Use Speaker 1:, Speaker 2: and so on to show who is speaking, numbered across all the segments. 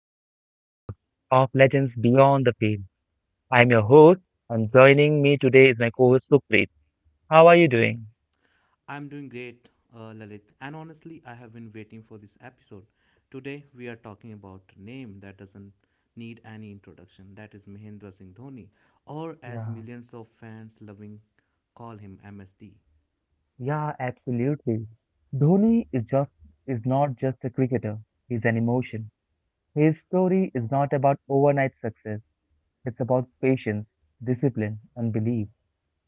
Speaker 1: today's episode of Legends Beyond the Field. I'm your host, and joining me today is my co-host Supreet. How are you doing?
Speaker 2: I'm doing great, Lalit, and honestly, I have been waiting for this episode. Today, we are talking about a name that doesn't need any introduction. That is Mahendra Singh Dhoni, or as
Speaker 1: Yeah,
Speaker 2: millions of fans loving call him MSD.
Speaker 1: yeah, absolutely. Dhoni is not just a cricketer. He's an emotion. His story is not about overnight success. It's about patience, discipline, and belief.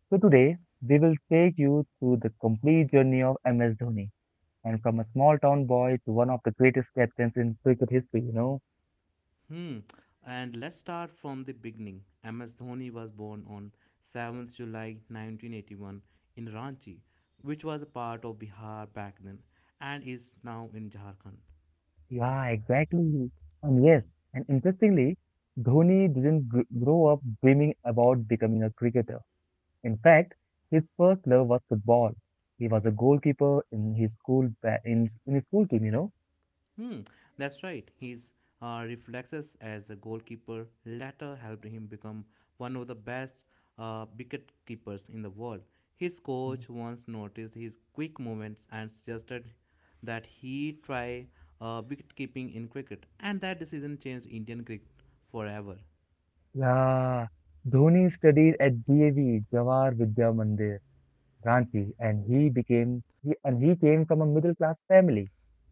Speaker 1: So today we will take you through the complete journey of MS Dhoni, and from a small town boy to one of the greatest captains in cricket history.
Speaker 2: Hmm. And let's start from the beginning. MS Dhoni was born on 7th July 1981 in Ranchi, which was a part of Bihar back then, and is now in Jharkhand.
Speaker 1: Yeah, exactly. And yes, and interestingly, Dhoni didn't grow up dreaming about becoming a cricketer. In fact, his first love was football. He was a goalkeeper in his school in his school team.
Speaker 2: Hmm, that's right. His reflexes as a goalkeeper later helped him become one of the best wicket keepers in the world. His coach once noticed his quick movements and suggested that he try wicket keeping in cricket, and that decision changed Indian cricket forever.
Speaker 1: Yeah, Dhoni studied at JV, Jawahar Vidya Mandir, Ranchi, and he came from a middle class family.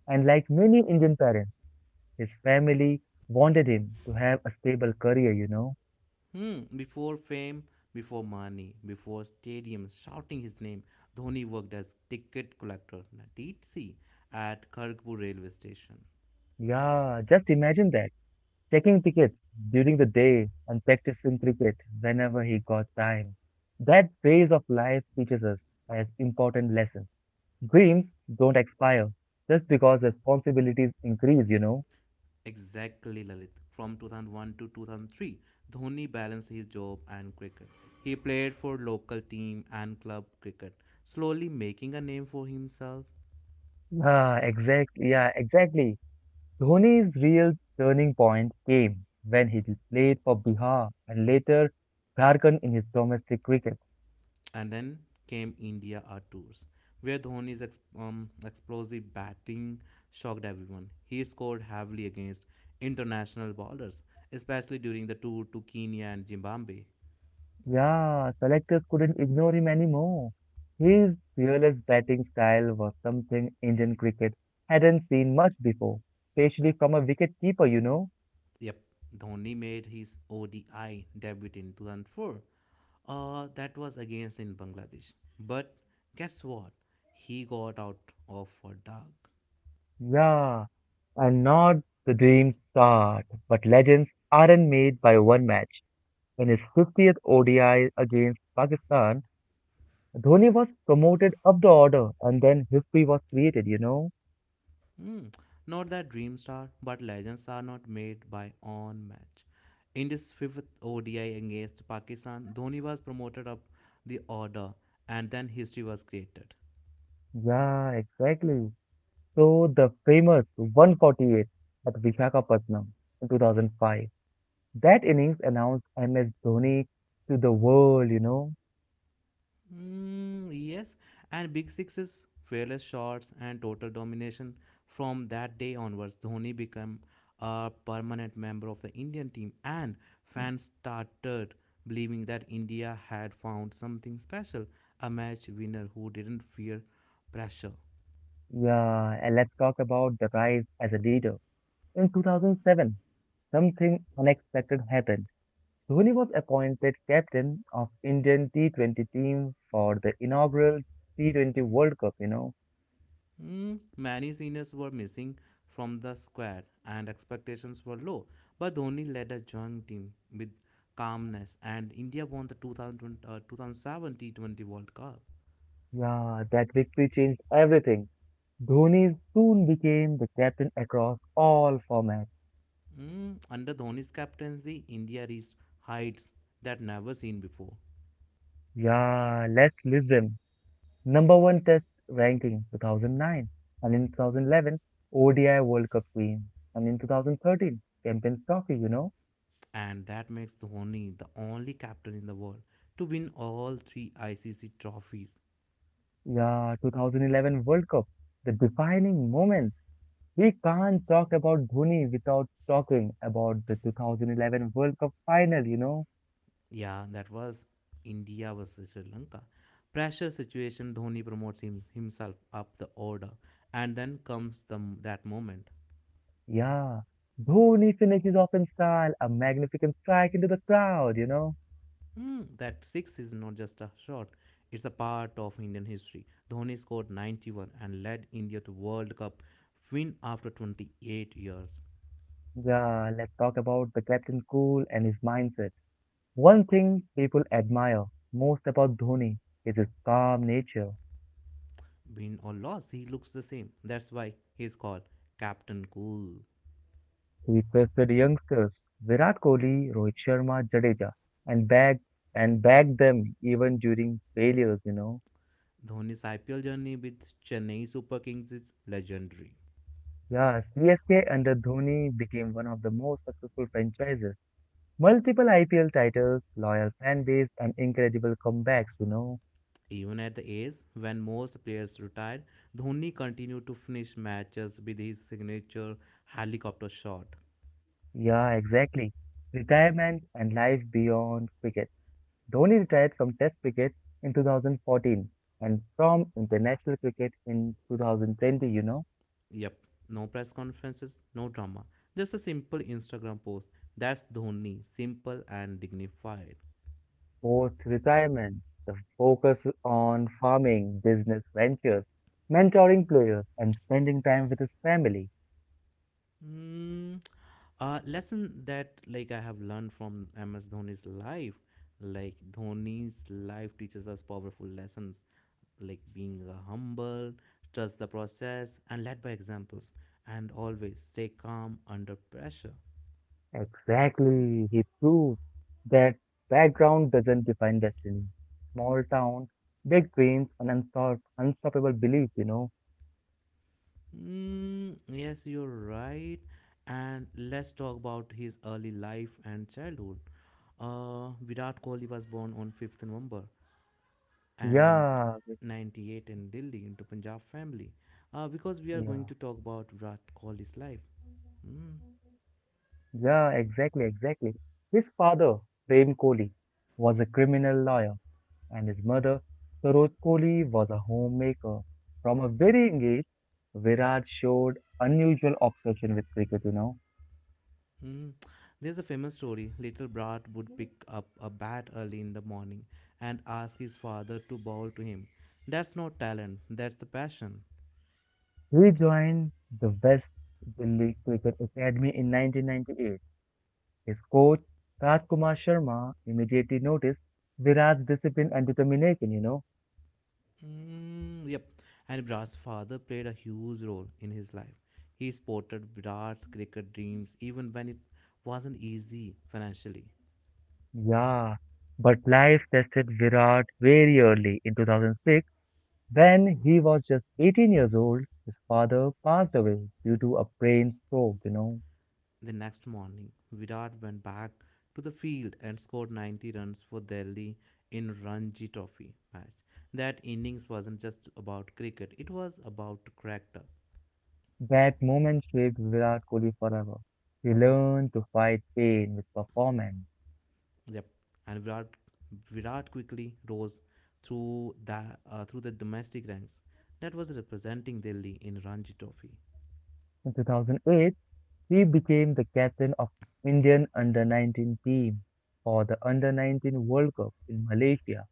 Speaker 1: And like many Indian parents, his family wanted him to have a stable career.
Speaker 2: Before fame, before money, before stadiums shouting his name, Dhoni worked as ticket collector, at TC at Kharagpur railway station.
Speaker 1: Yeah, just imagine that. Checking tickets during the day and practicing cricket whenever he got time. That phase of life teaches us as important lessons. Dreams don't expire just because responsibilities increase.
Speaker 2: Exactly, Lalit. From 2001 to 2003, Dhoni balanced his job and cricket. He played for local team and club cricket, slowly making a name for himself.
Speaker 1: Ah, exactly. Yeah, exactly. Dhoni's real turning point came when he played for Bihar and later Jharkhand in his domestic cricket.
Speaker 2: And then came India R tours, where Dhoni's explosive batting shocked everyone. He scored heavily against international bowlers, especially during the tour to Kenya and Zimbabwe.
Speaker 1: Yeah, selectors couldn't ignore him anymore. His fearless batting style was something Indian cricket hadn't seen much before, especially from a wicketkeeper.
Speaker 2: Yep, Dhoni made his ODI debut in 2004. That was against in Bangladesh. But guess what? He got out of for dark.
Speaker 1: Yeah, and not the dream start, but legends aren't made by one match. In his 50th ODI against Pakistan, Dhoni was promoted up the order and then history was created.
Speaker 2: Hmm, Not that dream star, but legends are not made by on match. In this fifth ODI against Pakistan, Dhoni was promoted up the order and then history was created.
Speaker 1: Yeah, exactly. So the famous 148 at Vishakhapatnam in 2005, that innings announced MS Dhoni to the world.
Speaker 2: Mm, yes, and Big Six fearless shots and total domination. From that day onwards, Dhoni became a permanent member of the Indian team, and fans started believing that India had found something special a match winner who didn't fear pressure.
Speaker 1: Yeah, and let's talk about the rise as a leader. In 2007, something unexpected happened. Dhoni was appointed captain of Indian T20 team for the inaugural T20 World Cup.
Speaker 2: Many seniors were missing from the squad and expectations were low, but Dhoni led a joint team with calmness and India won the 2007 T20 World Cup.
Speaker 1: Yeah, that victory changed everything. Dhoni soon became the captain across all formats.
Speaker 2: Under Dhoni's captaincy, India reached heights that never seen before,
Speaker 1: Yeah, let's list them. Number one test ranking 2009, and in 2011, ODI World Cup Queen, and in 2013, Champions Trophy.
Speaker 2: and that makes Dhoni the only captain in the world to win all three ICC trophies.
Speaker 1: Yeah, 2011 World Cup, the defining moment. We can't talk about Dhoni without talking about the 2011 World Cup final.
Speaker 2: Yeah, that was India versus Sri Lanka. Pressure situation, Dhoni promotes himself up the order. And then comes that moment.
Speaker 1: Yeah. Dhoni finishes off in style, a magnificent strike into the crowd.
Speaker 2: That six is not just a shot, it's a part of Indian history. Dhoni scored 91 and led India to World Cup win after 28 years.
Speaker 1: Yeah, let's talk about the captain cool and his mindset. One thing people admire most about Dhoni is his calm nature.
Speaker 2: Win or loss, he looks the same. That's why he's called Captain Cool.
Speaker 1: He trusted youngsters, Virat Kohli, Rohit Sharma, Jadeja, and bagged and bagged them even during failures.
Speaker 2: Dhoni's IPL journey with Chennai Super Kings is legendary.
Speaker 1: Yeah, CSK under Dhoni became one of the most successful franchises. Multiple IPL titles, loyal fan base, and incredible comebacks.
Speaker 2: Even at the age when most players retired, Dhoni continued to finish matches with his signature helicopter shot.
Speaker 1: Yeah, exactly. Retirement and life beyond cricket. Dhoni retired from Test cricket in 2014 and from international cricket in 2020.
Speaker 2: Yep, no press conferences, no drama, just a simple Instagram post. That's Dhoni, simple and dignified.
Speaker 1: Post retirement, the focus on farming, business ventures, mentoring players, and spending time with his family.
Speaker 2: Mm, a lesson that like I have learned from MS Dhoni's life, like Dhoni's life teaches us powerful lessons, like being humble, trust the process, and led by examples, and always stay calm under pressure.
Speaker 1: Exactly. He proved that background doesn't define destiny. Small town, big dreams, and unstoppable belief.
Speaker 2: Mm, yes, you're right. And let's talk about his early life and childhood. Virat Kohli was born on 5th November and
Speaker 1: Yeah,
Speaker 2: 98 in Delhi into Punjab family because we are going to
Speaker 1: yeah,
Speaker 2: talk about Virat Kohli's life. Mm,
Speaker 1: yeah, exactly, exactly. His father, Prem Kohli, was a criminal lawyer, and his mother, Saroj Kohli, was a homemaker. From a very young age, Virat showed unusual obsession with cricket.
Speaker 2: mm. There's a famous story. Little Brat would pick up a bat early in the morning and ask his father to bowl to him. That's not talent, that's the passion.
Speaker 1: He joined the West Delhi Cricket Academy in 1998. His coach, Rajkumar Sharma, immediately noticed Virat's discipline and determination.
Speaker 2: Mm, yep. And Brat's father played a huge role in his life. He supported Brat's cricket dreams even when it wasn't easy financially.
Speaker 1: Yeah, but life tested Virat very early in 2006 when he was just 18 years old. His father passed away due to a brain stroke.
Speaker 2: The next morning, Virat went back to the field and scored 90 runs for Delhi in Ranji Trophy match. That innings wasn't just about cricket; it was about character.
Speaker 1: That moment shaped Virat Kohli forever. He learned to fight pain with performance.
Speaker 2: Yep, and Virat quickly rose through the domestic ranks. That was representing Delhi in Ranji Trophy,
Speaker 1: In 2008, he became the captain of Indian under-19 team for the under-19 World Cup in Malaysia.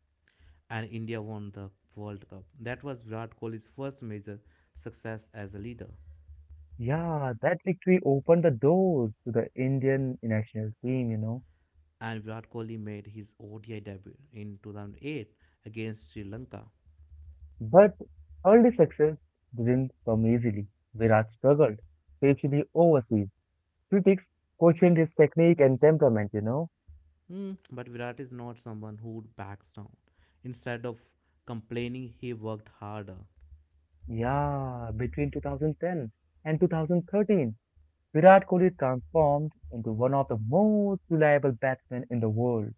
Speaker 2: and India won the World Cup. That was Virat Kohli's first major success as a leader.
Speaker 1: Yeah, that victory opened the doors to the Indian national team.
Speaker 2: And Virat Kohli made his ODI debut in 2008 against Sri Lanka.
Speaker 1: But early success didn't come easily. Virat struggled, especially overseas. Critics questioned his technique and temperament.
Speaker 2: But Virat is not someone who backs down. Instead of complaining, he worked harder.
Speaker 1: Yeah, between 2010 and 2013, Virat Kohli transformed into one of the most reliable batsmen in the world.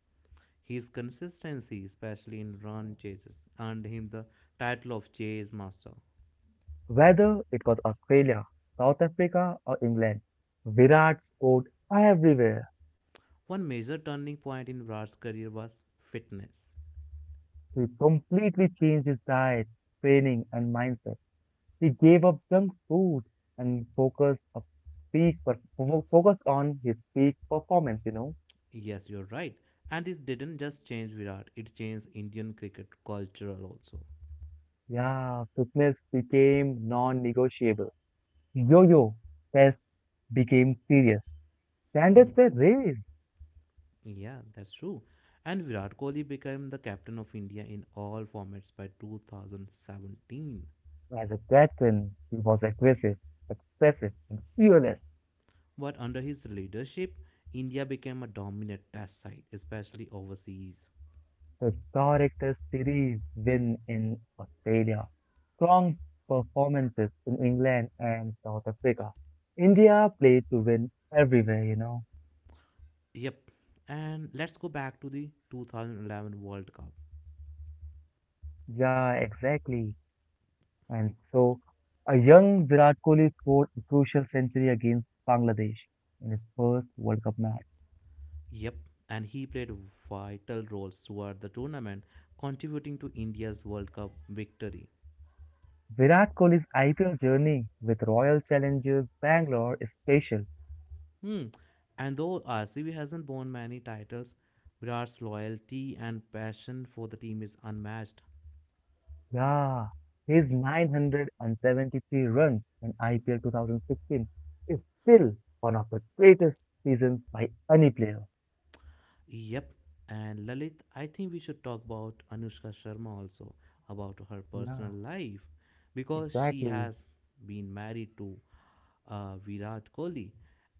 Speaker 2: His consistency, especially in run chases, earned him the title of Chase Master.
Speaker 1: Whether it was Australia, South Africa, or England, Virat scored everywhere.
Speaker 2: One major turning point in Virat's career was fitness.
Speaker 1: He completely changed his diet, training, and mindset. He gave up junk food and focused on his peak performance.
Speaker 2: Yes, you're right. And this didn't just change Virat, it changed Indian cricket culture also.
Speaker 1: Yeah, fitness became non-negotiable. Yo-yo test became serious.
Speaker 2: Hmm.
Speaker 1: Standards were raised.
Speaker 2: Yeah, that's true. And Virat Kohli became the captain of India in all formats by 2017.
Speaker 1: As a captain, he was aggressive, expressive, and fearless.
Speaker 2: But under his leadership, India became a dominant test side, especially overseas.
Speaker 1: Historic Test series win in Australia, strong performances in England and South Africa. India played to win everywhere.
Speaker 2: Yep. And let's go back to the 2011 World Cup.
Speaker 1: Yeah, exactly. And so a young Virat Kohli scored a crucial century against Bangladesh in his first World Cup match.
Speaker 2: Yep. And he played vital roles throughout the tournament, contributing to India's World Cup victory.
Speaker 1: Virat Kohli's IPL journey with Royal Challengers Bangalore is special.
Speaker 2: Hmm. And though RCB hasn't won many titles, Virat's loyalty and passion for the team is unmatched.
Speaker 1: Yeah, his 973 runs in IPL 2016 is still one of the greatest seasons by any player.
Speaker 2: Yep. And Lalit, I think we should talk about Anushka Sharma also, about her personal
Speaker 1: Yeah,
Speaker 2: life, because she
Speaker 1: exactly.
Speaker 2: has been married to Virat Kohli,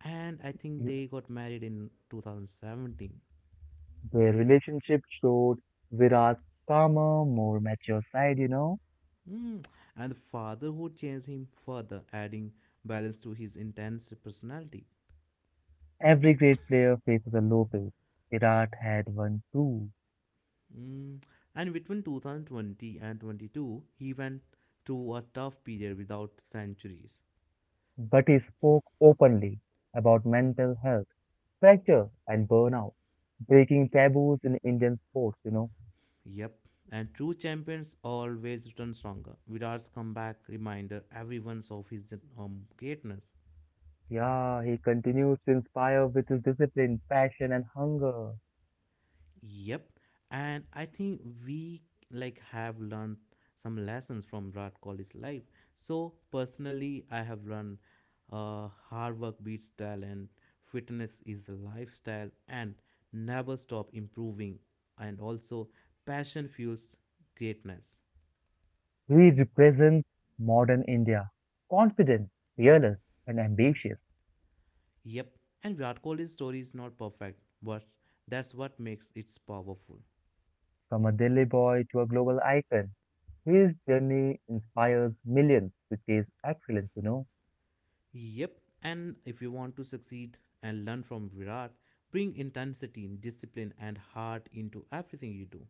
Speaker 2: and I think
Speaker 1: You-
Speaker 2: they got married in 2017.
Speaker 1: Their relationship showed Virat's calmer, more mature side.
Speaker 2: Hmm. And the fatherhood changed him further, adding balance to his intense personality.
Speaker 1: Every great player faces a low phase. Virat had one too,
Speaker 2: Mm. And between 2020 and 22, he went through a tough period without centuries.
Speaker 1: but he spoke openly about mental health, pressure, and burnout, breaking taboos in Indian sports.
Speaker 2: Yep. And true champions always return stronger. Virat's comeback reminder everyone's of his greatness.
Speaker 1: Yeah, he continues to inspire with his discipline, passion, and hunger.
Speaker 2: Yep. And I think we like have learned some lessons from Virat Kohli's life. So personally, I have learned hard work beats talent, fitness is a lifestyle, and never stop improving. And also, passion fuels greatness.
Speaker 1: He represents modern India, confident, fearless, and ambitious.
Speaker 2: Yep. And Virat Kohli's story is not perfect, but that's what makes it powerful.
Speaker 1: From a Delhi boy to a global icon, his journey inspires millions to chase excellence.
Speaker 2: Yep, and if you want to succeed and learn from Virat, bring intensity, discipline, and heart into everything you do.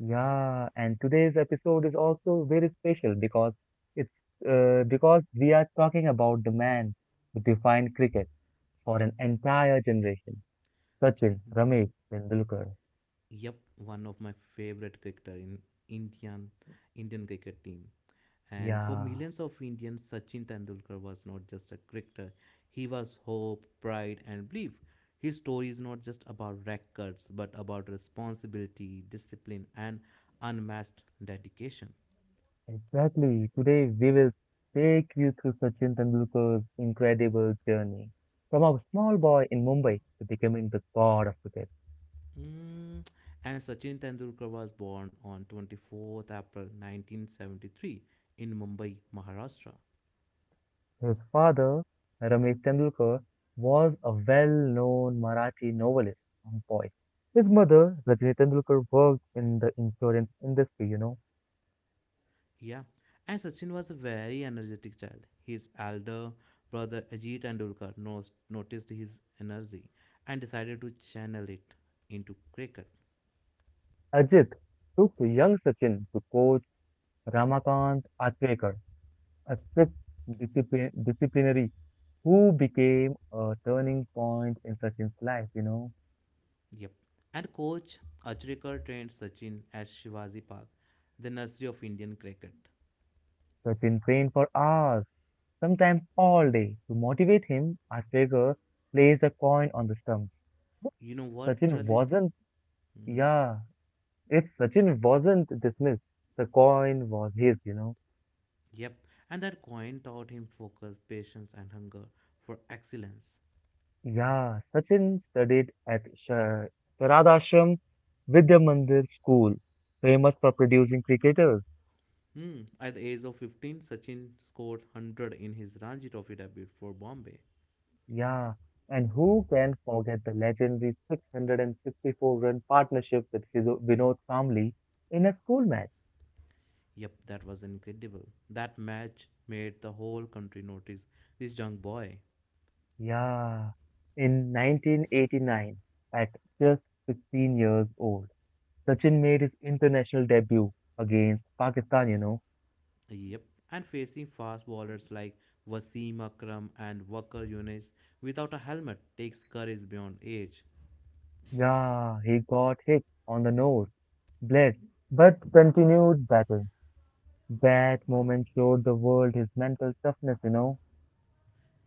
Speaker 1: Yeah, and today's episode is also very special it's because we are talking about the man who defined cricket for an entire generation, Sachin Ramesh Tendulkar.
Speaker 2: Yep, one of my favorite cricketer in Indian Indian cricket team. And for
Speaker 1: Yeah.
Speaker 2: millions of Indians, Sachin Tendulkar was not just a cricketer; he was hope, pride, and belief. His story is not just about records, but about responsibility, discipline, and unmatched dedication.
Speaker 1: Exactly. Today we will take you through Sachin Tendulkar's incredible journey from a small boy in Mumbai to becoming the god of cricket.
Speaker 2: Mm, And Sachin Tendulkar was born on 24th April 1973 in Mumbai, Maharashtra.
Speaker 1: His father, Ramesh Tendulkar, was a well-known Marathi novelist and poet. His mother, Rajni Tendulkar, worked in the insurance industry.
Speaker 2: Yeah, and Sachin was a very energetic child. His elder brother Ajit Tendulkar noticed his energy and decided to channel it into cricket.
Speaker 1: Ajit took to young Sachin to coach Ramakant Achrekar, a strict disciplinary who became a turning point in Sachin's life.
Speaker 2: Yep. And coach Achrekar trained Sachin at Shivaji Park, the nursery of Indian cricket.
Speaker 1: Sachin trained for hours, sometimes all day. To motivate him, Arteta placed a coin on the stumps. If
Speaker 2: You know what,
Speaker 1: Sachin
Speaker 2: Lalit?
Speaker 1: wasn't,
Speaker 2: Hmm.
Speaker 1: Yeah, if Sachin wasn't dismissed, the coin was his.
Speaker 2: Yep, and that coin taught him focus, patience, and hunger for excellence.
Speaker 1: Yeah, Sachin studied at Sharadashram Vidya Mandir School, famous for producing cricketers.
Speaker 2: Hmm. At the age of 15, Sachin scored 100 in his Ranji Trophy debut for Bombay.
Speaker 1: Yeah, and who can forget the legendary 664 run partnership with Vinod Kamli in a school match?
Speaker 2: Yep, that was incredible. That match made the whole country notice this young boy.
Speaker 1: Yeah, in 1989, at just 16 years old, Sachin made his international debut against Pakistan.
Speaker 2: Yep, and facing fast bowlers like Wasim Akram and Wakar Yunis without a helmet takes courage beyond age.
Speaker 1: Yeah, he got hit on the nose, bled, but continued battle. That moment showed the world his mental toughness.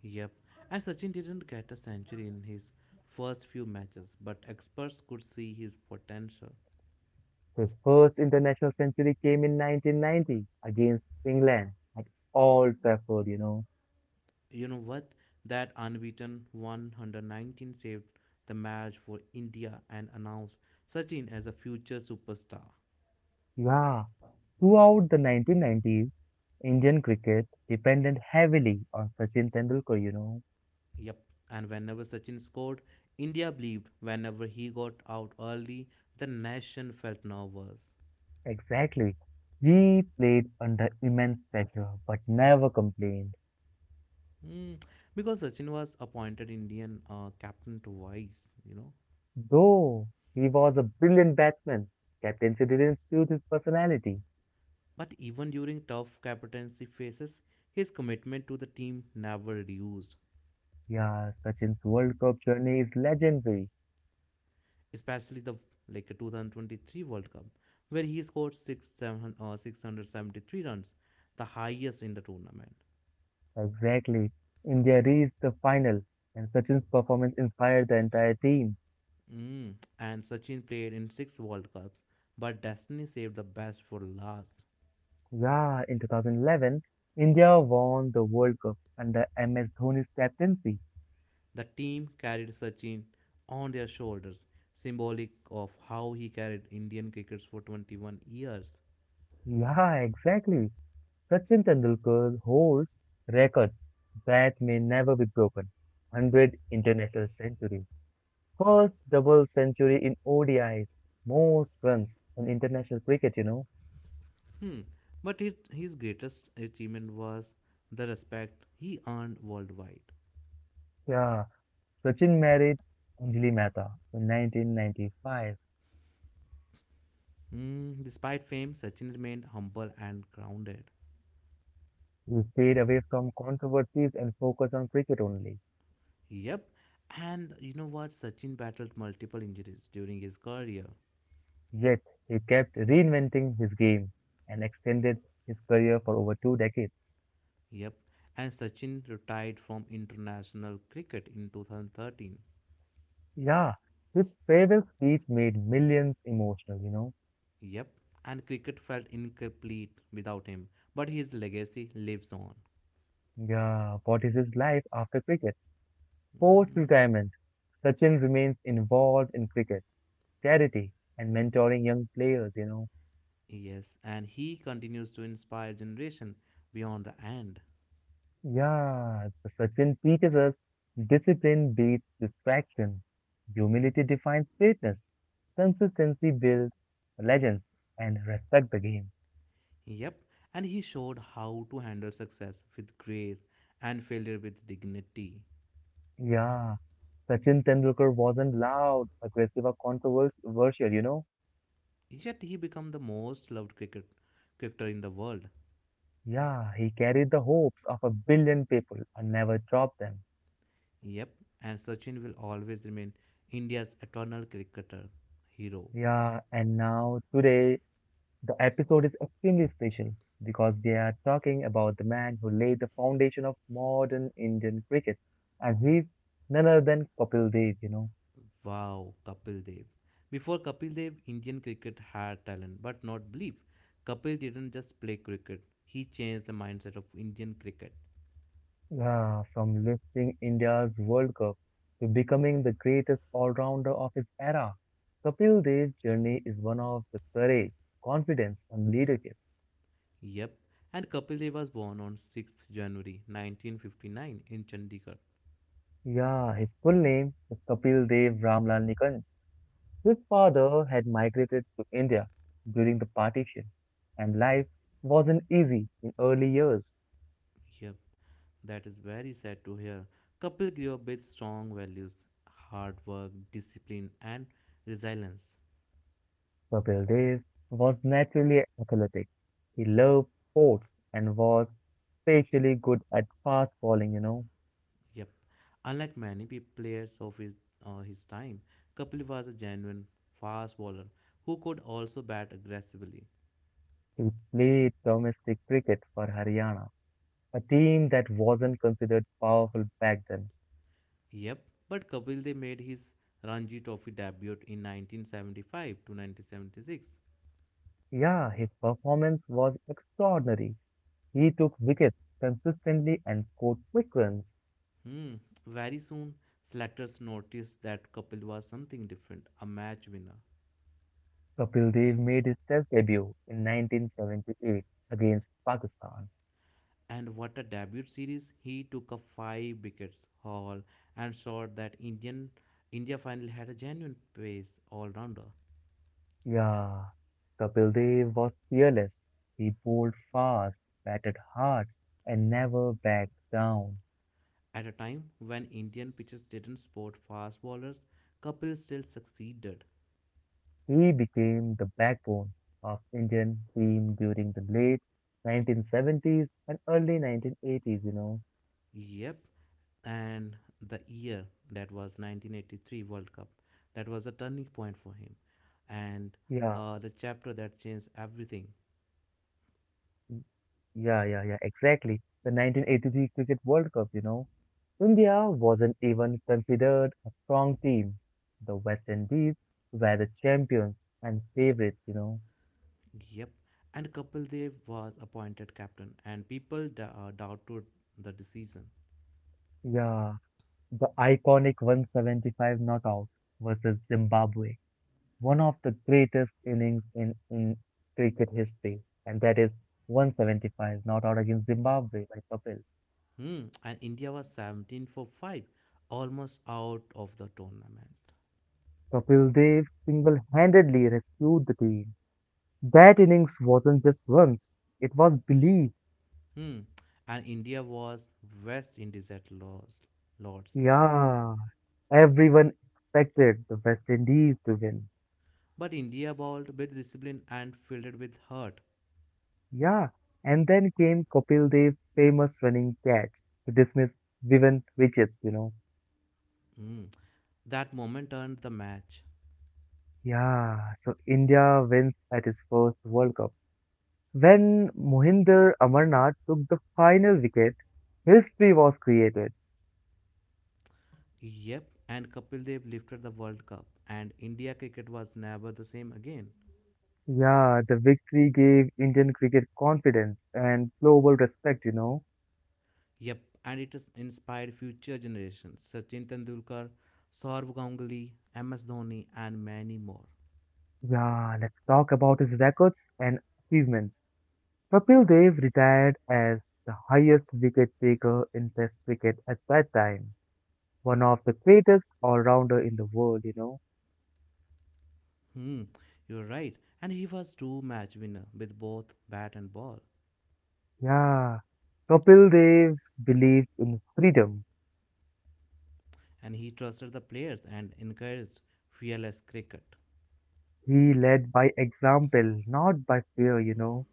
Speaker 2: Yep, and Sachin didn't get a century in his first few matches, but experts could see his potential.
Speaker 1: His first international century came in 1990 against England at Old Trafford.
Speaker 2: You know what? That unbeaten 119 saved the match for India and announced Sachin as a future superstar.
Speaker 1: Yeah. Throughout the 1990s, Indian cricket depended heavily on Sachin Tendulkar.
Speaker 2: Yep, and whenever Sachin scored, India believed. Whenever he got out early, the nation felt nervous.
Speaker 1: Exactly. He played under immense pressure but never complained.
Speaker 2: Hmm, Because Sachin was appointed Indian captain twice.
Speaker 1: Though he was a brilliant batsman, captaincy didn't suit his personality.
Speaker 2: But even during tough captaincy phases, his commitment to the team never reduced,
Speaker 1: Yeah, Sachin's World Cup journey is legendary.
Speaker 2: especially the like 2023 World Cup, where he scored 673 runs, the highest in the tournament.
Speaker 1: Exactly. India reached the final, and Sachin's performance inspired the entire team.
Speaker 2: Mm. And Sachin played in six World Cups, but destiny saved the best for last.
Speaker 1: Yeah, in 2011, India won the World Cup under MS Dhoni's captaincy.
Speaker 2: The team carried Sachin on their shoulders, symbolic of how he carried Indian cricket for 21 years.
Speaker 1: Yeah, exactly. Sachin Tendulkar holds records that may never be broken. 100 international centuries. First double century in ODIs. Most runs in international cricket.
Speaker 2: Hmm. But his greatest achievement was the respect he earned worldwide.
Speaker 1: Yeah, Sachin married Anjali Mehta in 1995.
Speaker 2: Hmm. Despite fame, Sachin remained humble and grounded.
Speaker 1: He stayed away from controversies and focused on cricket only.
Speaker 2: Yep. And you know what? Sachin battled multiple injuries during his career.
Speaker 1: Yet, he kept reinventing his game and extended his career for over two decades.
Speaker 2: Yep. And Sachin retired from international cricket in 2013.
Speaker 1: Yeah, his farewell speech made millions emotional.
Speaker 2: Yep. And cricket felt incomplete without him. But his legacy lives on.
Speaker 1: Yeah, what is his life after cricket? Post
Speaker 2: Hmm.
Speaker 1: retirement, Sachin remains involved in cricket, charity, and mentoring young players.
Speaker 2: Yes, and he continues to inspire generation beyond the end.
Speaker 1: Yeah, so Sachin teaches us discipline beats distraction. Humility defines greatness. Consistency builds legends and respect the game.
Speaker 2: Yep, and he showed how to handle success with grace and failure with dignity.
Speaker 1: Yeah, Sachin Tendulkar wasn't loud, aggressive, or controversial.
Speaker 2: Yet he became the most loved cricketer in the world.
Speaker 1: Yeah, he carried the hopes of a billion people and never dropped them.
Speaker 2: Yep, and Sachin will always remain India's eternal cricketer hero.
Speaker 1: Yeah, and now today the episode is extremely special because we are talking about the man who laid the foundation of modern Indian cricket, and he's none other than Kapil Dev.
Speaker 2: Wow, Kapil Dev. Before Kapil Dev, Indian cricket had talent but not belief. Kapil didn't just play cricket, he changed the mindset of Indian cricket.
Speaker 1: Yeah, from lifting India's World Cup to becoming the greatest all-rounder of his era, Kapil Dev's journey is one of the courage, confidence, and leadership.
Speaker 2: Yep, and Kapil Dev was born on 6th January 1959 in Chandigarh.
Speaker 1: Yeah, his full name is Kapil Dev Ramlal Nikhanj. His father had migrated to India during the partition, and life wasn't easy in early years.
Speaker 2: Yep, that is very sad to hear. Kapil grew up with strong values, hard work, discipline, and resilience.
Speaker 1: Kapil Dev was naturally athletic. He loved sports and was especially good at fast bowling.
Speaker 2: Yep, unlike many players of his time, Kapil was a genuine fast bowler who could also bat aggressively.
Speaker 1: He played domestic cricket for Haryana, a team that wasn't considered powerful back then.
Speaker 2: Yep, but Kapil Dev made his Ranji Trophy debut in 1975 to 1976.
Speaker 1: Yeah, his performance was extraordinary. He took wickets consistently and scored quick runs.
Speaker 2: Hmm. Very soon, selectors noticed that Kapil was something different, a match winner.
Speaker 1: Kapil Dev made his test debut in 1978 against Pakistan.
Speaker 2: And what a debut series! He took up five wickets haul and showed that India finally had a genuine pace all-rounder.
Speaker 1: Yeah, Kapil Dev was fearless. He bowled fast, batted hard, and never backed down.
Speaker 2: At a time when Indian pitches didn't support fast bowlers, Kapil still succeeded.
Speaker 1: He became the backbone of Indian team during the late 1970s and early 1980s.
Speaker 2: Yep, and the year that was 1983 World Cup, that was a turning point for him, and
Speaker 1: Yeah,
Speaker 2: the chapter that changed everything.
Speaker 1: y- yeah, yeah, yeah, exactly. The 1983 Cricket World Cup. India wasn't even considered a strong team. The West Indies were the champions and favorites.
Speaker 2: Yep. And Kapildev was appointed captain, and people doubted the decision.
Speaker 1: Yeah, the iconic 175 knockout versus Zimbabwe. One of the greatest innings in cricket history, and that is 175, not out against Zimbabwe by Kapil.
Speaker 2: Hmm. And India was 17 for 5, almost out of the tournament.
Speaker 1: Kapil Dev single-handedly rescued the team. That innings wasn't just runs, it was belief.
Speaker 2: Hmm. And India was West Indies at Lords. Lords.
Speaker 1: Yeah, everyone expected the West Indies to win.
Speaker 2: But India bowled with discipline and fielded with heart.
Speaker 1: Yeah, and then came Kapil Dev's famous running catch to dismiss Vivan Richards.
Speaker 2: Hmm. That moment turned the match.
Speaker 1: Yeah, so India wins at its first World Cup. When Mohinder Amarnath took the final wicket, history was created.
Speaker 2: Yep. And Kapil Dev lifted the World Cup, and India cricket was never the same again.
Speaker 1: Yeah, the victory gave Indian cricket confidence and global respect.
Speaker 2: Yep, and it has inspired future generations. Sachin Tendulkar, Saurav Ganguly, MS Dhoni, and many more.
Speaker 1: Yeah, let's talk about his records and achievements. Kapil Dev retired as the highest wicket taker in Test cricket at that time, one of the greatest all-rounder in the world.
Speaker 2: Hmm, you're right. And he was true match winner with both bat and ball.
Speaker 1: Yeah, Kapil Dev believed in freedom.
Speaker 2: And he trusted the players and encouraged fearless cricket.
Speaker 1: He led by example, not by fear.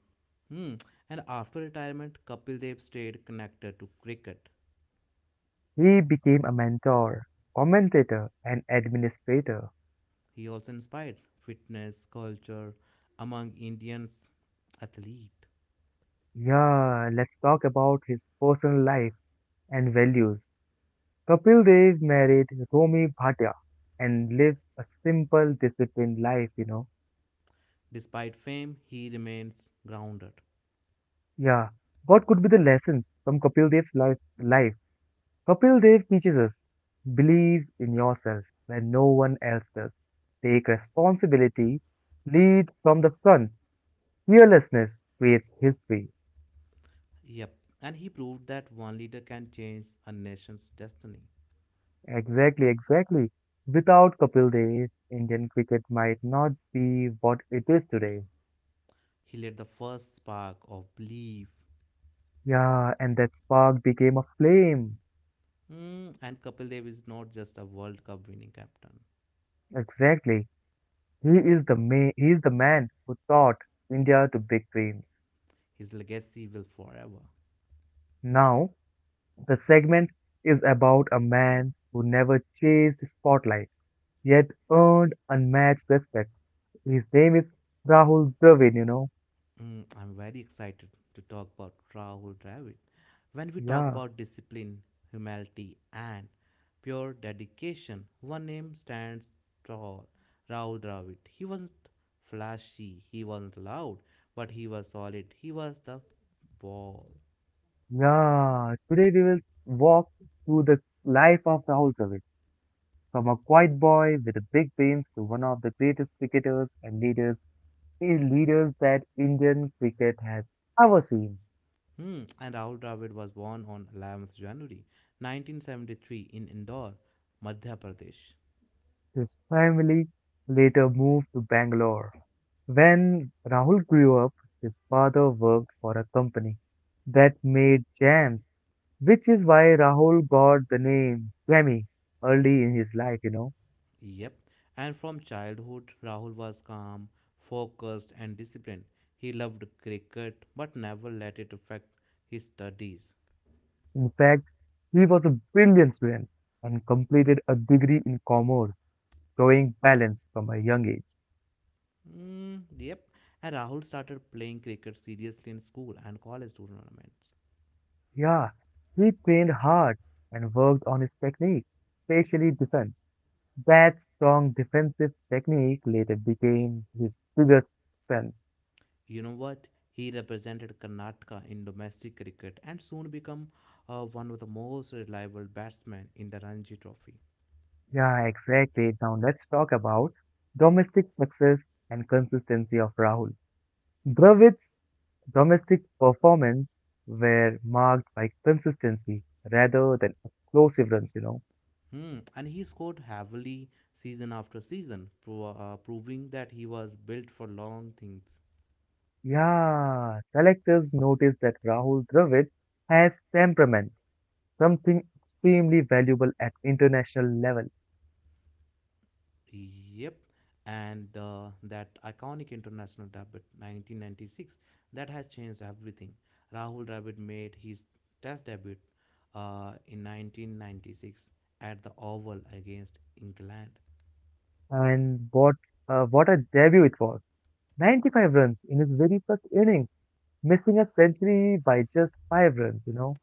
Speaker 2: Hmm, and after retirement, Kapil Dev stayed connected to cricket.
Speaker 1: He became a mentor, commentator, and administrator.
Speaker 2: He also inspired fitness culture among Indians athlete.
Speaker 1: Yeah, let's talk about his personal life and values. Kapil Dev married Romi Bhatia and lives a simple, disciplined life.
Speaker 2: Despite fame, he remains grounded.
Speaker 1: Yeah, what could be the lessons from Kapil Dev's life? Kapil Dev teaches us believe in yourself when no one else does, take responsibility, lead from the front. Fearlessness creates history.
Speaker 2: Yep, and he proved that one leader can change a nation's destiny.
Speaker 1: Exactly, exactly. Without Kapil Dev, Indian cricket might not be what it is today.
Speaker 2: He lit the first spark of belief.
Speaker 1: Yeah, and that spark became a flame.
Speaker 2: Mm, and Kapil Dev is not just a World Cup winning captain,
Speaker 1: Exactly. He is the ma- he is the man who taught India to big dreams.
Speaker 2: his legacy will forever.
Speaker 1: Now, the segment is about a man who never chased spotlight, yet earned unmatched respect. His name is Rahul Dravid.
Speaker 2: Mm, I'm very excited to talk about Rahul Dravid. When we talk
Speaker 1: Yeah.
Speaker 2: about discipline, humility, and pure dedication, one name stands tall Rahul Dravid. He wasn't flashy, he wasn't loud, but he was solid. He was the ball.
Speaker 1: Yeah, today we will walk through the life of Rahul Dravid, from a quiet boy with a big dreams to one of the greatest cricketers and leaders that Indian cricket has ever seen.
Speaker 2: Hmm. And Rahul Dravid was born on 11th January 1973 in Indore, Madhya Pradesh.
Speaker 1: His family later moved to Bangalore. When Rahul grew up, his father worked for a company that made jams, which is why Rahul got the name Jammy early in his life.
Speaker 2: Yep. And from childhood, Rahul was calm, focused, and disciplined. He loved cricket but never let it affect his studies.
Speaker 1: In fact, he was a brilliant student and completed a degree in commerce, showing balance from a young age.
Speaker 2: Mm, yep. And Rahul started playing cricket seriously in school and college tournaments.
Speaker 1: Yeah, he trained hard and worked on his technique, especially defense. That strong defensive technique later became his biggest strength.
Speaker 2: You know what? He represented Karnataka in domestic cricket and soon became one of the most reliable batsmen in the Ranji Trophy.
Speaker 1: Yeah, exactly. Now let's talk about domestic success and consistency of Rahul. Dravid's domestic performance were marked by consistency rather than explosive runs.
Speaker 2: Hmm, and he scored heavily season after season, proving that he was built for long things.
Speaker 1: Yeah, selectors noticed that Rahul Dravid has temperament, something extremely valuable at international level.
Speaker 2: Yep, and that iconic international debut 1996 that has changed everything. Rahul Dravid made his test debut in 1996 at the Oval against England.
Speaker 1: And what a debut it was! 95 runs in his very first innings, missing a century by just 5 runs.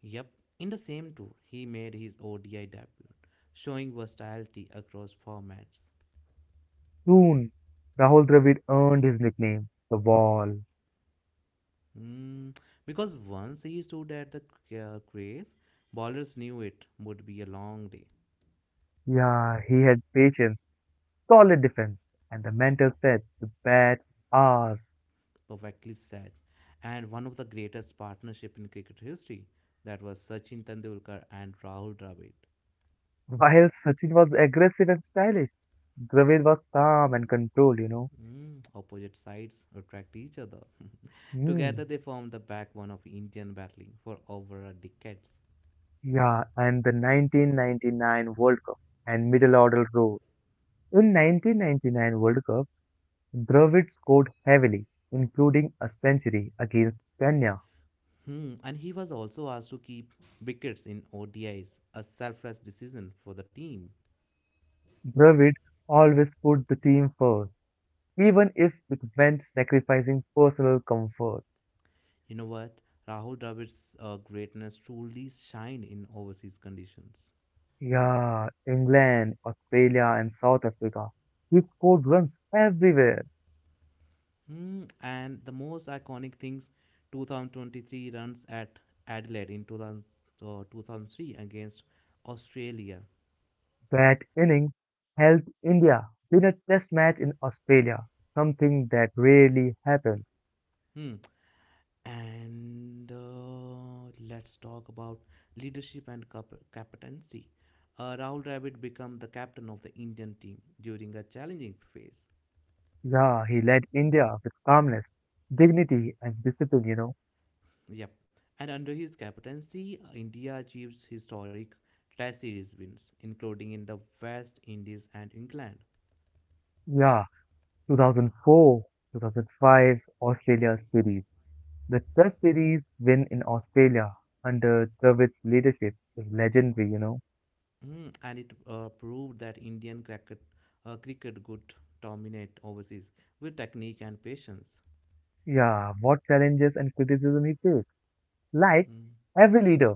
Speaker 2: Yep, in the same tour, he made his ODI debut, showing versatility across formats.
Speaker 1: Soon, Rahul Dravid earned his nickname, the Wall.
Speaker 2: Mm, because once he stood at the crease, ballers knew it would be a long day,
Speaker 1: Yeah, he had patience, solid defense, and the mental stretch to bat hours.
Speaker 2: perfectly said, and one of the greatest partnership in cricket history. That was Sachin Tendulkar and Rahul Dravid.
Speaker 1: While Sachin was aggressive and stylish, Dravid was calm and controlled.
Speaker 2: Mm, opposite sides attract each other. Together
Speaker 1: Hmm.
Speaker 2: they formed the backbone of Indian battling for over a decade.
Speaker 1: Yeah, and the 1999 World Cup and middle order role. In 1999 World Cup, Dravid scored heavily, including a century against Kenya.
Speaker 2: Hmm, and he was also asked to keep wickets in ODIs, a selfless decision for the team.
Speaker 1: Dravid always put the team first, even if it meant sacrificing personal comfort.
Speaker 2: You know what? Rahul Dravid's greatness truly shine in overseas conditions.
Speaker 1: Yeah, England, Australia, and South Africa. He scored runs everywhere.
Speaker 2: Hmm, and the most iconic things 2023 runs at Adelaide in 2000, 2003 against Australia.
Speaker 1: That innings helped India win a test match in Australia, something that rarely happened.
Speaker 2: Hmm. And let's talk about leadership and captaincy. Rahul Dravid became the captain of the Indian team during a challenging phase.
Speaker 1: Yeah, he led India with calmness, dignity, and discipline.
Speaker 2: Yep. And under his captaincy, India achieves historic Test series wins, including in the West Indies and England.
Speaker 1: Yeah, 2004, 2005 Australia series. The test series win in Australia under Dravid's leadership is legendary.
Speaker 2: Mm, and it proved that Indian cricket, cricket could dominate overseas with technique and patience.
Speaker 1: Yeah, what challenges and criticism he faced. Like
Speaker 2: Mm,
Speaker 1: every leader,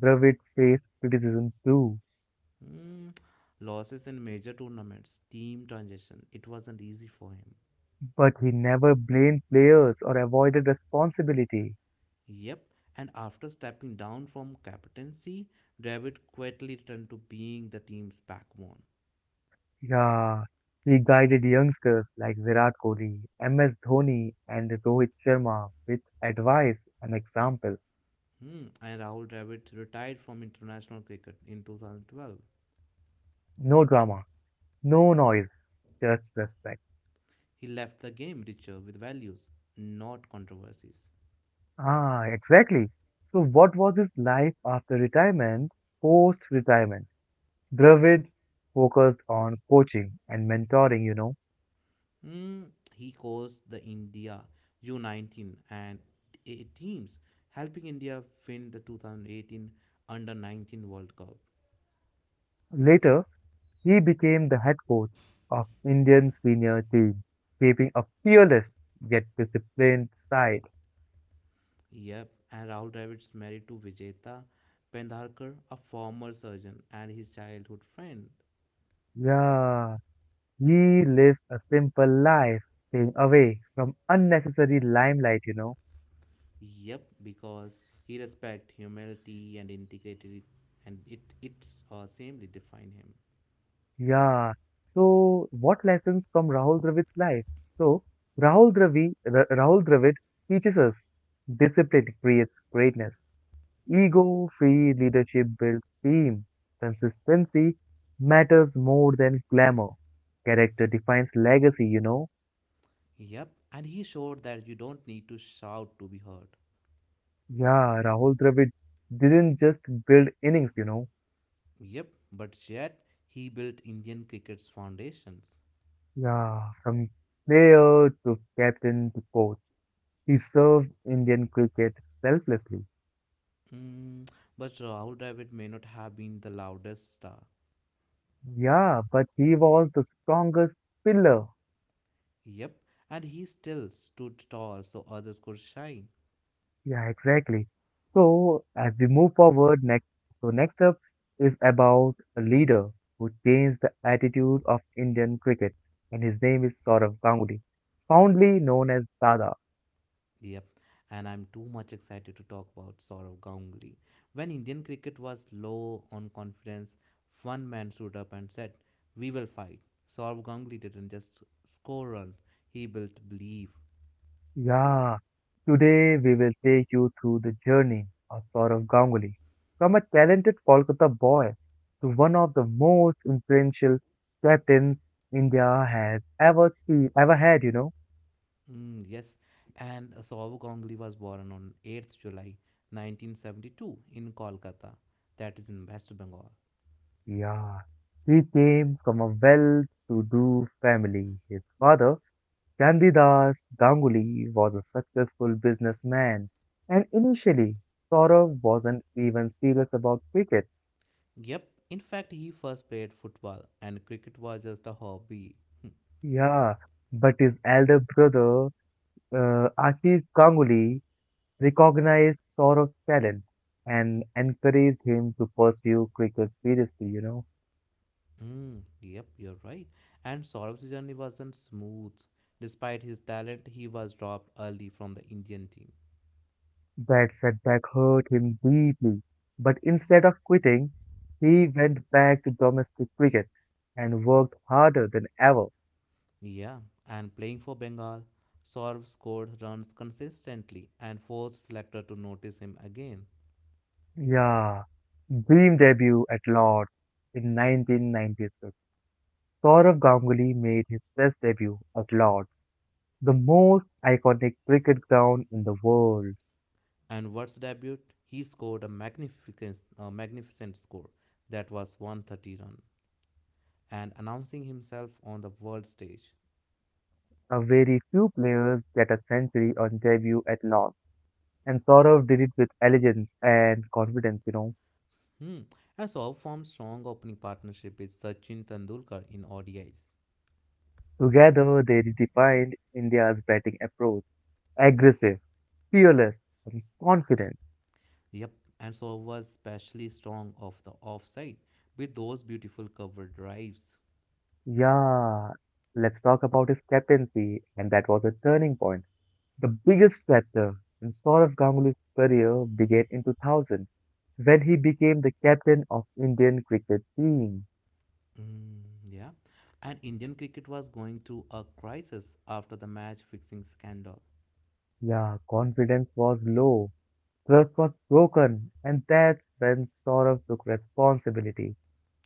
Speaker 1: Dravid faced criticism too,
Speaker 2: mm. Losses in major tournaments, team transition, it wasn't easy for him.
Speaker 1: but he never blamed players or avoided responsibility.
Speaker 2: Yep. And after stepping down from captaincy, Dravid quietly returned to being the team's backbone.
Speaker 1: Yeah, he guided youngsters like Virat Kohli, MS Dhoni, and Rohit Sharma with advice and example.
Speaker 2: Hmm, and Rahul Dravid retired from international cricket in 2012.
Speaker 1: No drama, no noise, just respect.
Speaker 2: He left the game richer with values, not controversies.
Speaker 1: Ah, exactly. So, what was his life after retirement, post retirement? Dravid focused on coaching and mentoring.
Speaker 2: Hmm, he coached the India U19 and A teams, helping India win the 2018 Under 19 World Cup.
Speaker 1: Later, he became the head coach of Indian senior team, keeping a fearless yet disciplined side.
Speaker 2: Yep, and Rahul Dravid's married to Vijeta Pendharkar, a former surgeon and his childhood friend.
Speaker 1: Yeah, he lives a simple life, staying away from unnecessary limelight.
Speaker 2: Yep, because he respect humility and integrity, and it's samely define him.
Speaker 1: Yeah. So, what lessons from Rahul Dravid's life? So, Rahul Dravid teaches us discipline creates greatness. Ego free leadership builds team. Consistency matters more than glamour. Character defines legacy.
Speaker 2: Yep, and he showed that you don't need to shout to be heard.
Speaker 1: Yeah, Rahul Dravid didn't just build innings.
Speaker 2: Yep, but yet he built Indian cricket's foundations.
Speaker 1: Yeah, from player to captain to coach. He served Indian cricket selflessly.
Speaker 2: Mm, but Rahul Dravid may not have been the loudest star.
Speaker 1: Yeah, but he was the strongest pillar.
Speaker 2: Yep, and he still stood tall so others could shine.
Speaker 1: Yeah, exactly. So as we move forward next, so next up is about a leader who changed the attitude of Indian cricket, and his name is Saurav Ganguly, fondly known as Dada.
Speaker 2: Yep, and I'm too much excited to talk about Sourav Ganguly. When Indian cricket was low on confidence, one man stood up and said, "We will fight." Sourav Ganguly didn't just score runs; he built belief.
Speaker 1: Yeah, today we will take you through the journey of Saurav Ganguly, from a talented Kolkata boy to one of the most influential captains India has ever seen, ever had.
Speaker 2: Mm, yes, and Sourav Ganguly was born on 8th July 1972 in Kolkata, that is in West Bengal.
Speaker 1: Yeah, he came from a well-to-do family. His father, Chandidas Ganguly, was a successful businessman, and initially, Saurav wasn't even serious about cricket.
Speaker 2: Yep, in fact, he first played football, and cricket was just a hobby.
Speaker 1: Yeah, but his elder brother, Ashish Ganguly, recognized Saurav's talent and encouraged him to pursue cricket seriously.
Speaker 2: Mm, yep, you're right. And Saurav's journey wasn't smooth. Despite his talent, he was dropped early from the Indian team.
Speaker 1: That setback hurt him deeply, but instead of quitting, he went back to domestic cricket and worked harder than ever.
Speaker 2: Yeah, and playing for Bengal, Saurav scored runs consistently and forced selector to notice him again.
Speaker 1: Yeah, dream debut at Lord's in 1996. Saurav Ganguly made his Test debut at Lord's, the most iconic cricket ground in the world.
Speaker 2: And Ward's debut, he scored a magnificent score that was 130 run and announcing himself on the world stage.
Speaker 1: A very few players get a century on debut at Lord's, and Saurav did it with elegance and confidence.
Speaker 2: Hmm. And Saurav formed strong opening partnership with Sachin Tendulkar in ODIs.
Speaker 1: Together, they defined India's batting approach aggressive, fearless, and confident.
Speaker 2: Yep, and so was especially strong off the offside with those beautiful cover drives.
Speaker 1: Yeah, let's talk about his captaincy, and that was a turning point. The biggest chapter in Saurav Ganguly's career began in 2000 when he became the captain of Indian cricket team.
Speaker 2: Mm, yeah, and Indian cricket was going through a crisis after the match fixing scandal.
Speaker 1: Yeah, confidence was low, trust was broken, and that's when Saurav took responsibility.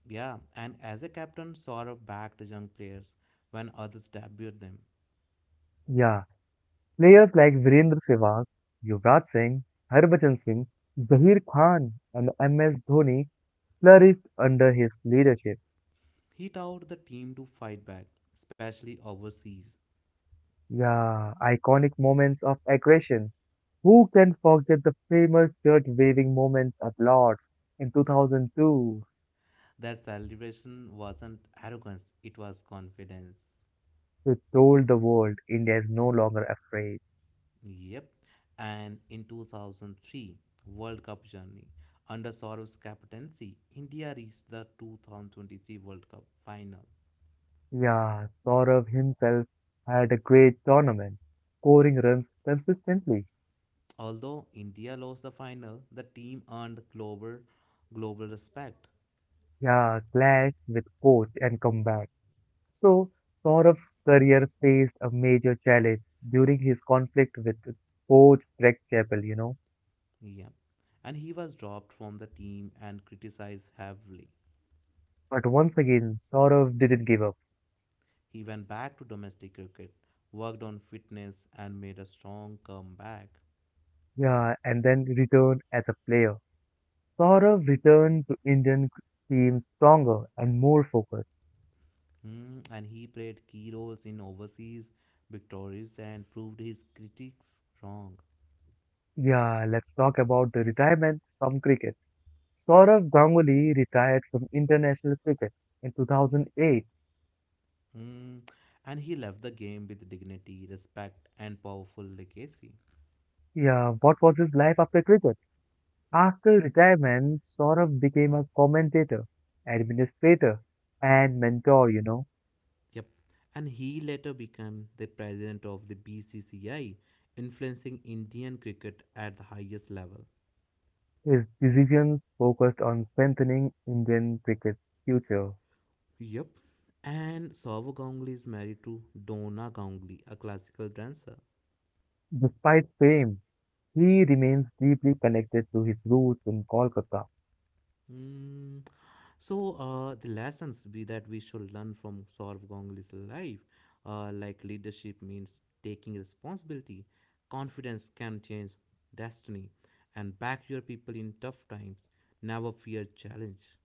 Speaker 2: Yeah, and as a captain, Saurabh backed young players when others debuted them.
Speaker 1: Yeah, players like Virendra Sehwag, Yuvraj Singh, Harbhajan Singh, Zaheer Khan, and MS Dhoni flourished under his leadership.
Speaker 2: He taught the team to fight back, especially overseas.
Speaker 1: Yeah, iconic moments of aggression. Who can forget the famous shirt waving moments at Lords in 2002,
Speaker 2: Their celebration wasn't arrogance, it was confidence.
Speaker 1: which told the world India is no longer afraid?
Speaker 2: Yep. And in 2003 World Cup journey under Soros captaincy, India reached the 2023 World Cup final.
Speaker 1: Yeah, Saurav himself had a great tournament, scoring runs consistently.
Speaker 2: Although India lost the final, the team earned global respect.
Speaker 1: Yeah, clash with coach and comeback. So, Saurav's career faced a major challenge during his conflict with coach Greg Chappell.
Speaker 2: Yep. And he was dropped from the team and criticized heavily.
Speaker 1: But once again, Saurav didn't give up.
Speaker 2: He went back to domestic cricket, worked on fitness and made a strong comeback.
Speaker 1: Yeah, and then returned as a player. Saurav returned to Indian team stronger and more focused.
Speaker 2: Hmm, and he played key roles in overseas victories and proved his critics wrong.
Speaker 1: Yeah, let's talk about the retirement from cricket. Saurav Ganguly retired from international cricket in 2008.
Speaker 2: Hmm, and he left the game with dignity, respect, and powerful legacy.
Speaker 1: Yeah, what was his life after cricket? After retirement, Saurabh became a commentator, administrator, and mentor.
Speaker 2: Yep. And he later became the president of the BCCI, influencing Indian cricket at the highest level.
Speaker 1: His decisions focused on strengthening Indian cricket's future.
Speaker 2: Yep. And Saurav Ganguly is married to Dona Ganguly, a classical dancer.
Speaker 1: Despite fame, he remains deeply connected to his roots in Kolkata.
Speaker 2: Hmm. So the lessons be that we should learn from Saurabh Ganguly's life, like leadership means taking responsibility, confidence can change destiny, and back your people in tough times. Never fear challenge.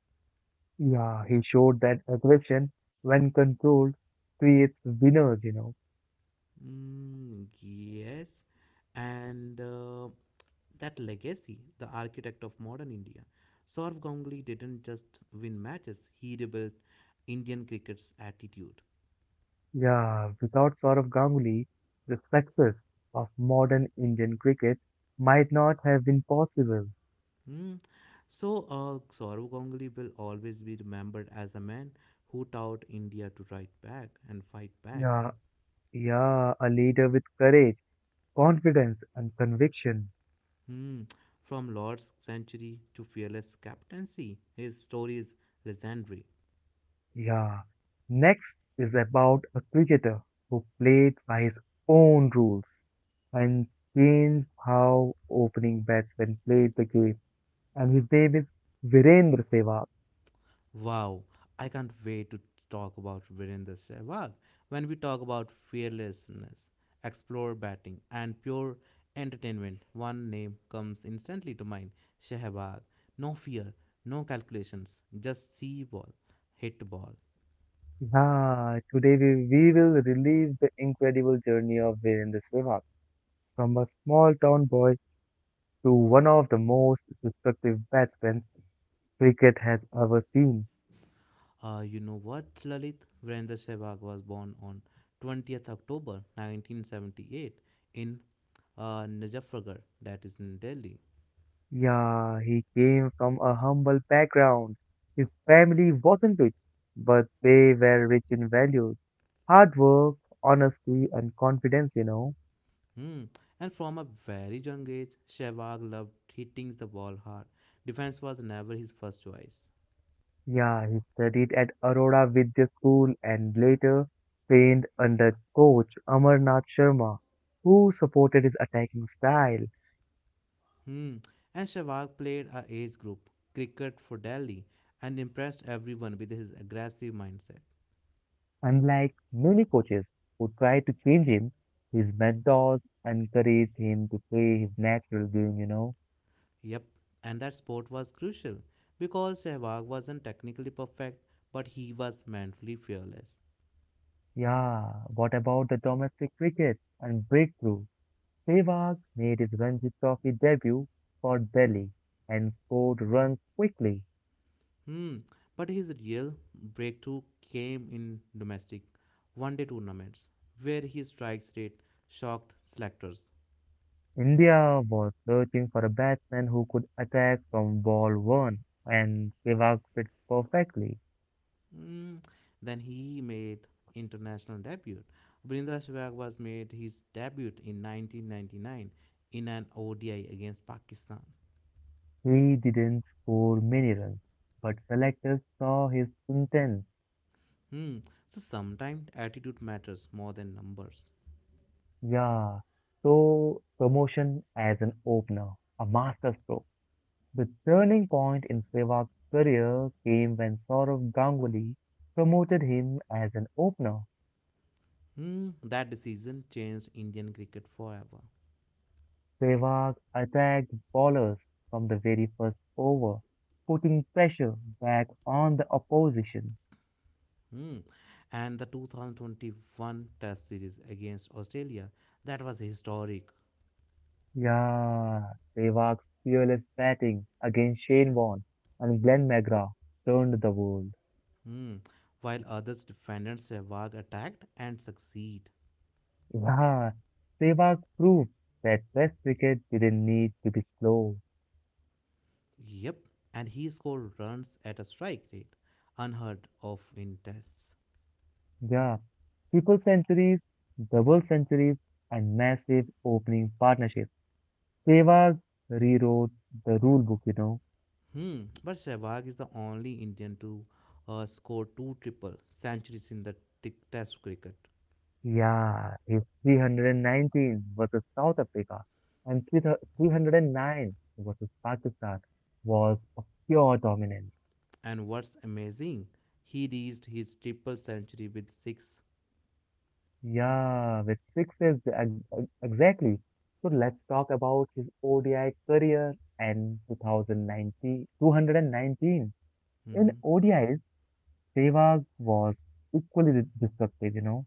Speaker 1: Yeah, he showed that aggression, when controlled, creates winners.
Speaker 2: Mm, yes, and that legacy, the architect of modern India. Saurabh Ganguly didn't just win matches; he rebuilt Indian cricket's attitude.
Speaker 1: Yeah, without Saurabh Ganguly, the success of modern Indian cricket might not have been possible.
Speaker 2: Hmm. So, Saurav Ganguly will always be remembered as the man who taught India to fight back and fight back.
Speaker 1: Yeah, Yeah, a leader with courage, confidence, and conviction.
Speaker 2: Hmm. From Lord's century to fearless captaincy, his story is legendary.
Speaker 1: Yeah. Next is about a cricketer who played by his own rules and changed how opening batsmen played the game. And his name is Virendra Sehwag.
Speaker 2: Wow, I can't wait to talk about Virendra Sehwag when we talk about fearlessness, explore batting, and pure entertainment. One name comes instantly to mind Sehwag. No fear, no calculations, just see ball, hit ball.
Speaker 1: Yeah, today we will relive the incredible journey of Virendra Sehwag from a small town boy to one of the most destructive batsmen cricket has ever seen.
Speaker 2: You know what, Lalit? Virendra Sehwag was born on 20th October 1978 in Najafnagar, that is in Delhi.
Speaker 1: Yeah, he came from a humble background. His family wasn't rich, but they were rich in values, hard work, honesty, and confidence.
Speaker 2: Hmm. And from a very young age, Sehwag loved hitting the ball hard. Defense was never his first choice.
Speaker 1: Yeah, he studied at Arora Vidya School and later trained under coach Amarnath Sharma, who supported his attacking style.
Speaker 2: Hmm. And Sehwag played a age group cricket for Delhi and impressed everyone with his aggressive mindset.
Speaker 1: Unlike many coaches who tried to change him, his mentors encouraged him to play his natural game.
Speaker 2: Yep. And that sport was crucial because Sehwag wasn't technically perfect, but he was mentally fearless.
Speaker 1: Yeah, what about the domestic cricket and breakthrough? Sehwag made his Ranji Trophy debut for Delhi and scored runs quickly.
Speaker 2: Hmm. But his real breakthrough came in domestic one-day tournaments, where his strikes rate shocked selectors.
Speaker 1: India was searching for a batsman who could attack from ball one, and Sehwag fit perfectly.
Speaker 2: Mm, then he made international debut. Brindra Sehwag was made his debut in 1999 in an ODI against Pakistan.
Speaker 1: He didn't score many runs, but selectors saw his intent.
Speaker 2: Hmm. So sometimes attitude matters more than numbers.
Speaker 1: Yeah, so promotion as an opener, a masterstroke. The turning point in Sehwag's career came when Sourav Ganguly promoted him as an opener.
Speaker 2: Hmm. That decision changed Indian cricket forever.
Speaker 1: Sehwag attacked bowlers from the very first over, putting pressure back on the opposition.
Speaker 2: Hmm. And the 2021 Test series against Australia that was historic.
Speaker 1: Yeah, Sehwag's fearless batting against Shane Warne and Glenn McGrath turned the world.
Speaker 2: Hmm. While others defended Sehwag attacked and succeed.
Speaker 1: Yeah, Sehwag proved that Test cricket didn't need to be slow.
Speaker 2: Yep, and he scored runs at a strike rate unheard of in tests.
Speaker 1: Yeah, triple centuries, double centuries, and massive opening partnerships. Sehwag rewrote the rule book.
Speaker 2: Hmm, but Sehwag is the only Indian to score two triple centuries in the test cricket.
Speaker 1: Yeah, his 319 versus South Africa and 309 versus Pakistan was a pure dominance.
Speaker 2: And what's amazing, he reached his triple century with 6.
Speaker 1: Yeah, with sixes exactly. So let's talk about his ODI career and 2019, 219. In
Speaker 2: Mm-hmm.
Speaker 1: ODI, Sehwag was equally destructive.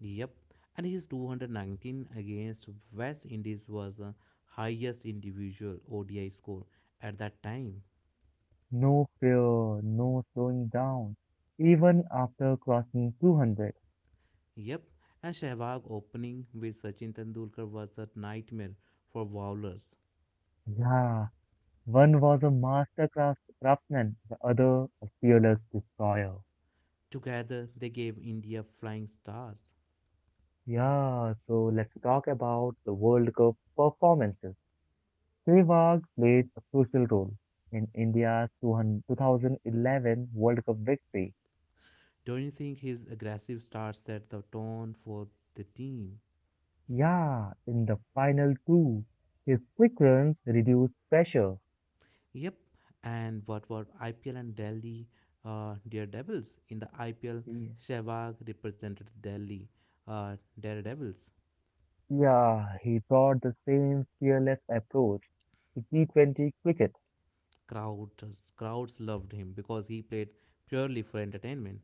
Speaker 2: Yep, and his 219 against West Indies was the highest individual ODI score at that time.
Speaker 1: No fear, no slowing down, even after crossing 200.
Speaker 2: Yep, and Sehwag opening with Sachin Tendulkar was a nightmare for bowlers.
Speaker 1: Yeah, one was a master craftsman, the other a fearless destroyer.
Speaker 2: Together, they gave India flying starts.
Speaker 1: Yeah, so let's talk about the World Cup performances. Sehwag played a crucial role in India's 200 2011 World Cup victory.
Speaker 2: Don't you think his aggressive start set the tone for the team?
Speaker 1: Yeah, in the final two, his quick runs reduced pressure.
Speaker 2: Yep, and what about IPL and Delhi Daredevils? In the IPL,
Speaker 1: Yeah.
Speaker 2: Sehwag represented Delhi Daredevils.
Speaker 1: Yeah, he brought the same fearless approach to T20 cricket.
Speaker 2: Crowds loved him because he played purely for entertainment.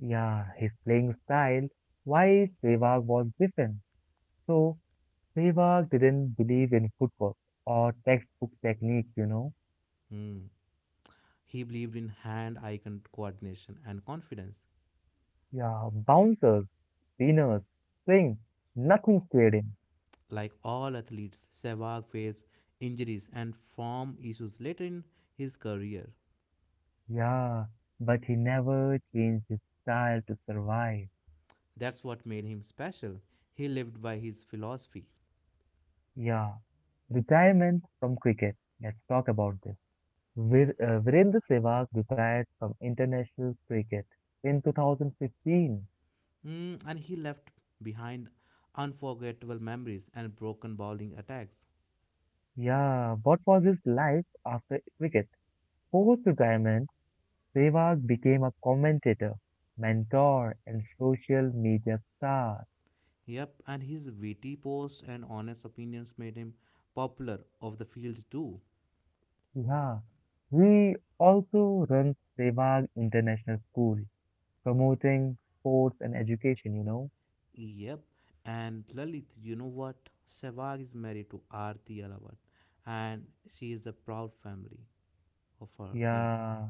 Speaker 1: Yeah, his playing style, while Sehwag was different. So, Sehwag didn't believe in footwork or textbook techniques.
Speaker 2: Hmm. He believed in hand eye coordination and confidence.
Speaker 1: Yeah, bouncers, spinners, swing, nothing scared him.
Speaker 2: Like all athletes, Sehwag faced injuries and form issues later in his career.
Speaker 1: Yeah, but he never changed his style to survive.
Speaker 2: That's what made him special. He lived by his philosophy.
Speaker 1: Yeah, retirement from cricket. Let's talk about this. Virendra Sehwag retired from international cricket in 2015.
Speaker 2: Mm, and he left behind unforgettable memories and broken bowling attacks.
Speaker 1: Yeah, what was his life after cricket? Post retirement, Sehwag became a commentator, mentor, and social media star.
Speaker 2: Yep, and his witty posts and honest opinions made him popular off the field too.
Speaker 1: Yeah, he also runs Sehwag International School, promoting sports and education.
Speaker 2: Yep. And Lalit, you know what? Sehwag is married to Aarti Alawat and she is a proud family of her him.
Speaker 1: Yeah,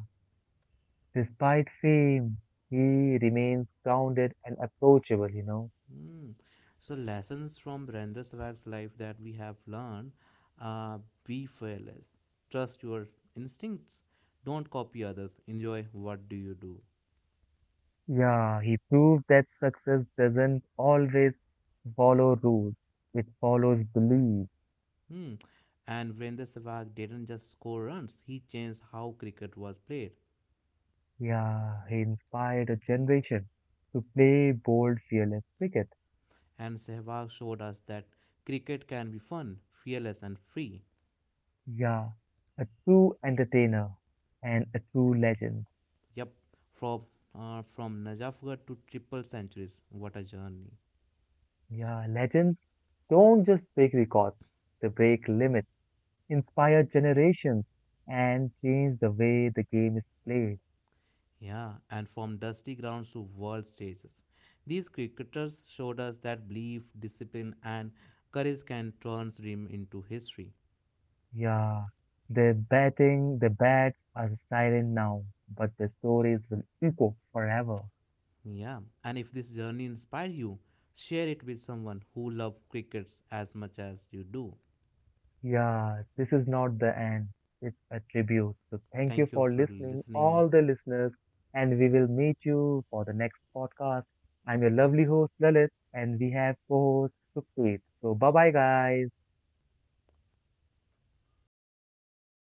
Speaker 1: despite fame, he remains grounded and approachable.
Speaker 2: Hmm. So lessons from Brenda Sehwag's life that we have learned uh, be fearless. Trust your instincts. Don't copy others. Enjoy what do you do.
Speaker 1: Yeah, he proved that success doesn't always follow rules, it follows belief.
Speaker 2: Hmm. And Virendra Sehwag didn't just score runs, he changed how cricket was played.
Speaker 1: Yeah, he inspired a generation to play bold, fearless cricket.
Speaker 2: And Sehwag showed us that cricket can be fun, fearless and free.
Speaker 1: Yeah, a true entertainer and a true legend.
Speaker 2: Yep, from from Najafgarh to triple centuries. What a journey.
Speaker 1: Yeah, legends don't just break records, they break limits, inspire generations, and change the way the game is played.
Speaker 2: Yeah, and from dusty grounds to world stages. These cricketers showed us that belief, discipline, and courage can turn dream into history.
Speaker 1: Yeah, their batting, their bats are silent now, but their stories will echo forever.
Speaker 2: Yeah, and if this journey inspired you, share it with someone who loves crickets as much as you do.
Speaker 1: Yeah, this is not the end. It's a tribute. So thank you
Speaker 2: Thank you
Speaker 1: for
Speaker 2: for
Speaker 1: listening,
Speaker 2: listening.
Speaker 1: all the listeners, and we will meet you for the next podcast. I'm your lovely host, Lalit, and we have co-host Sukhpreet. So bye bye, guys.
Speaker 2: Bye.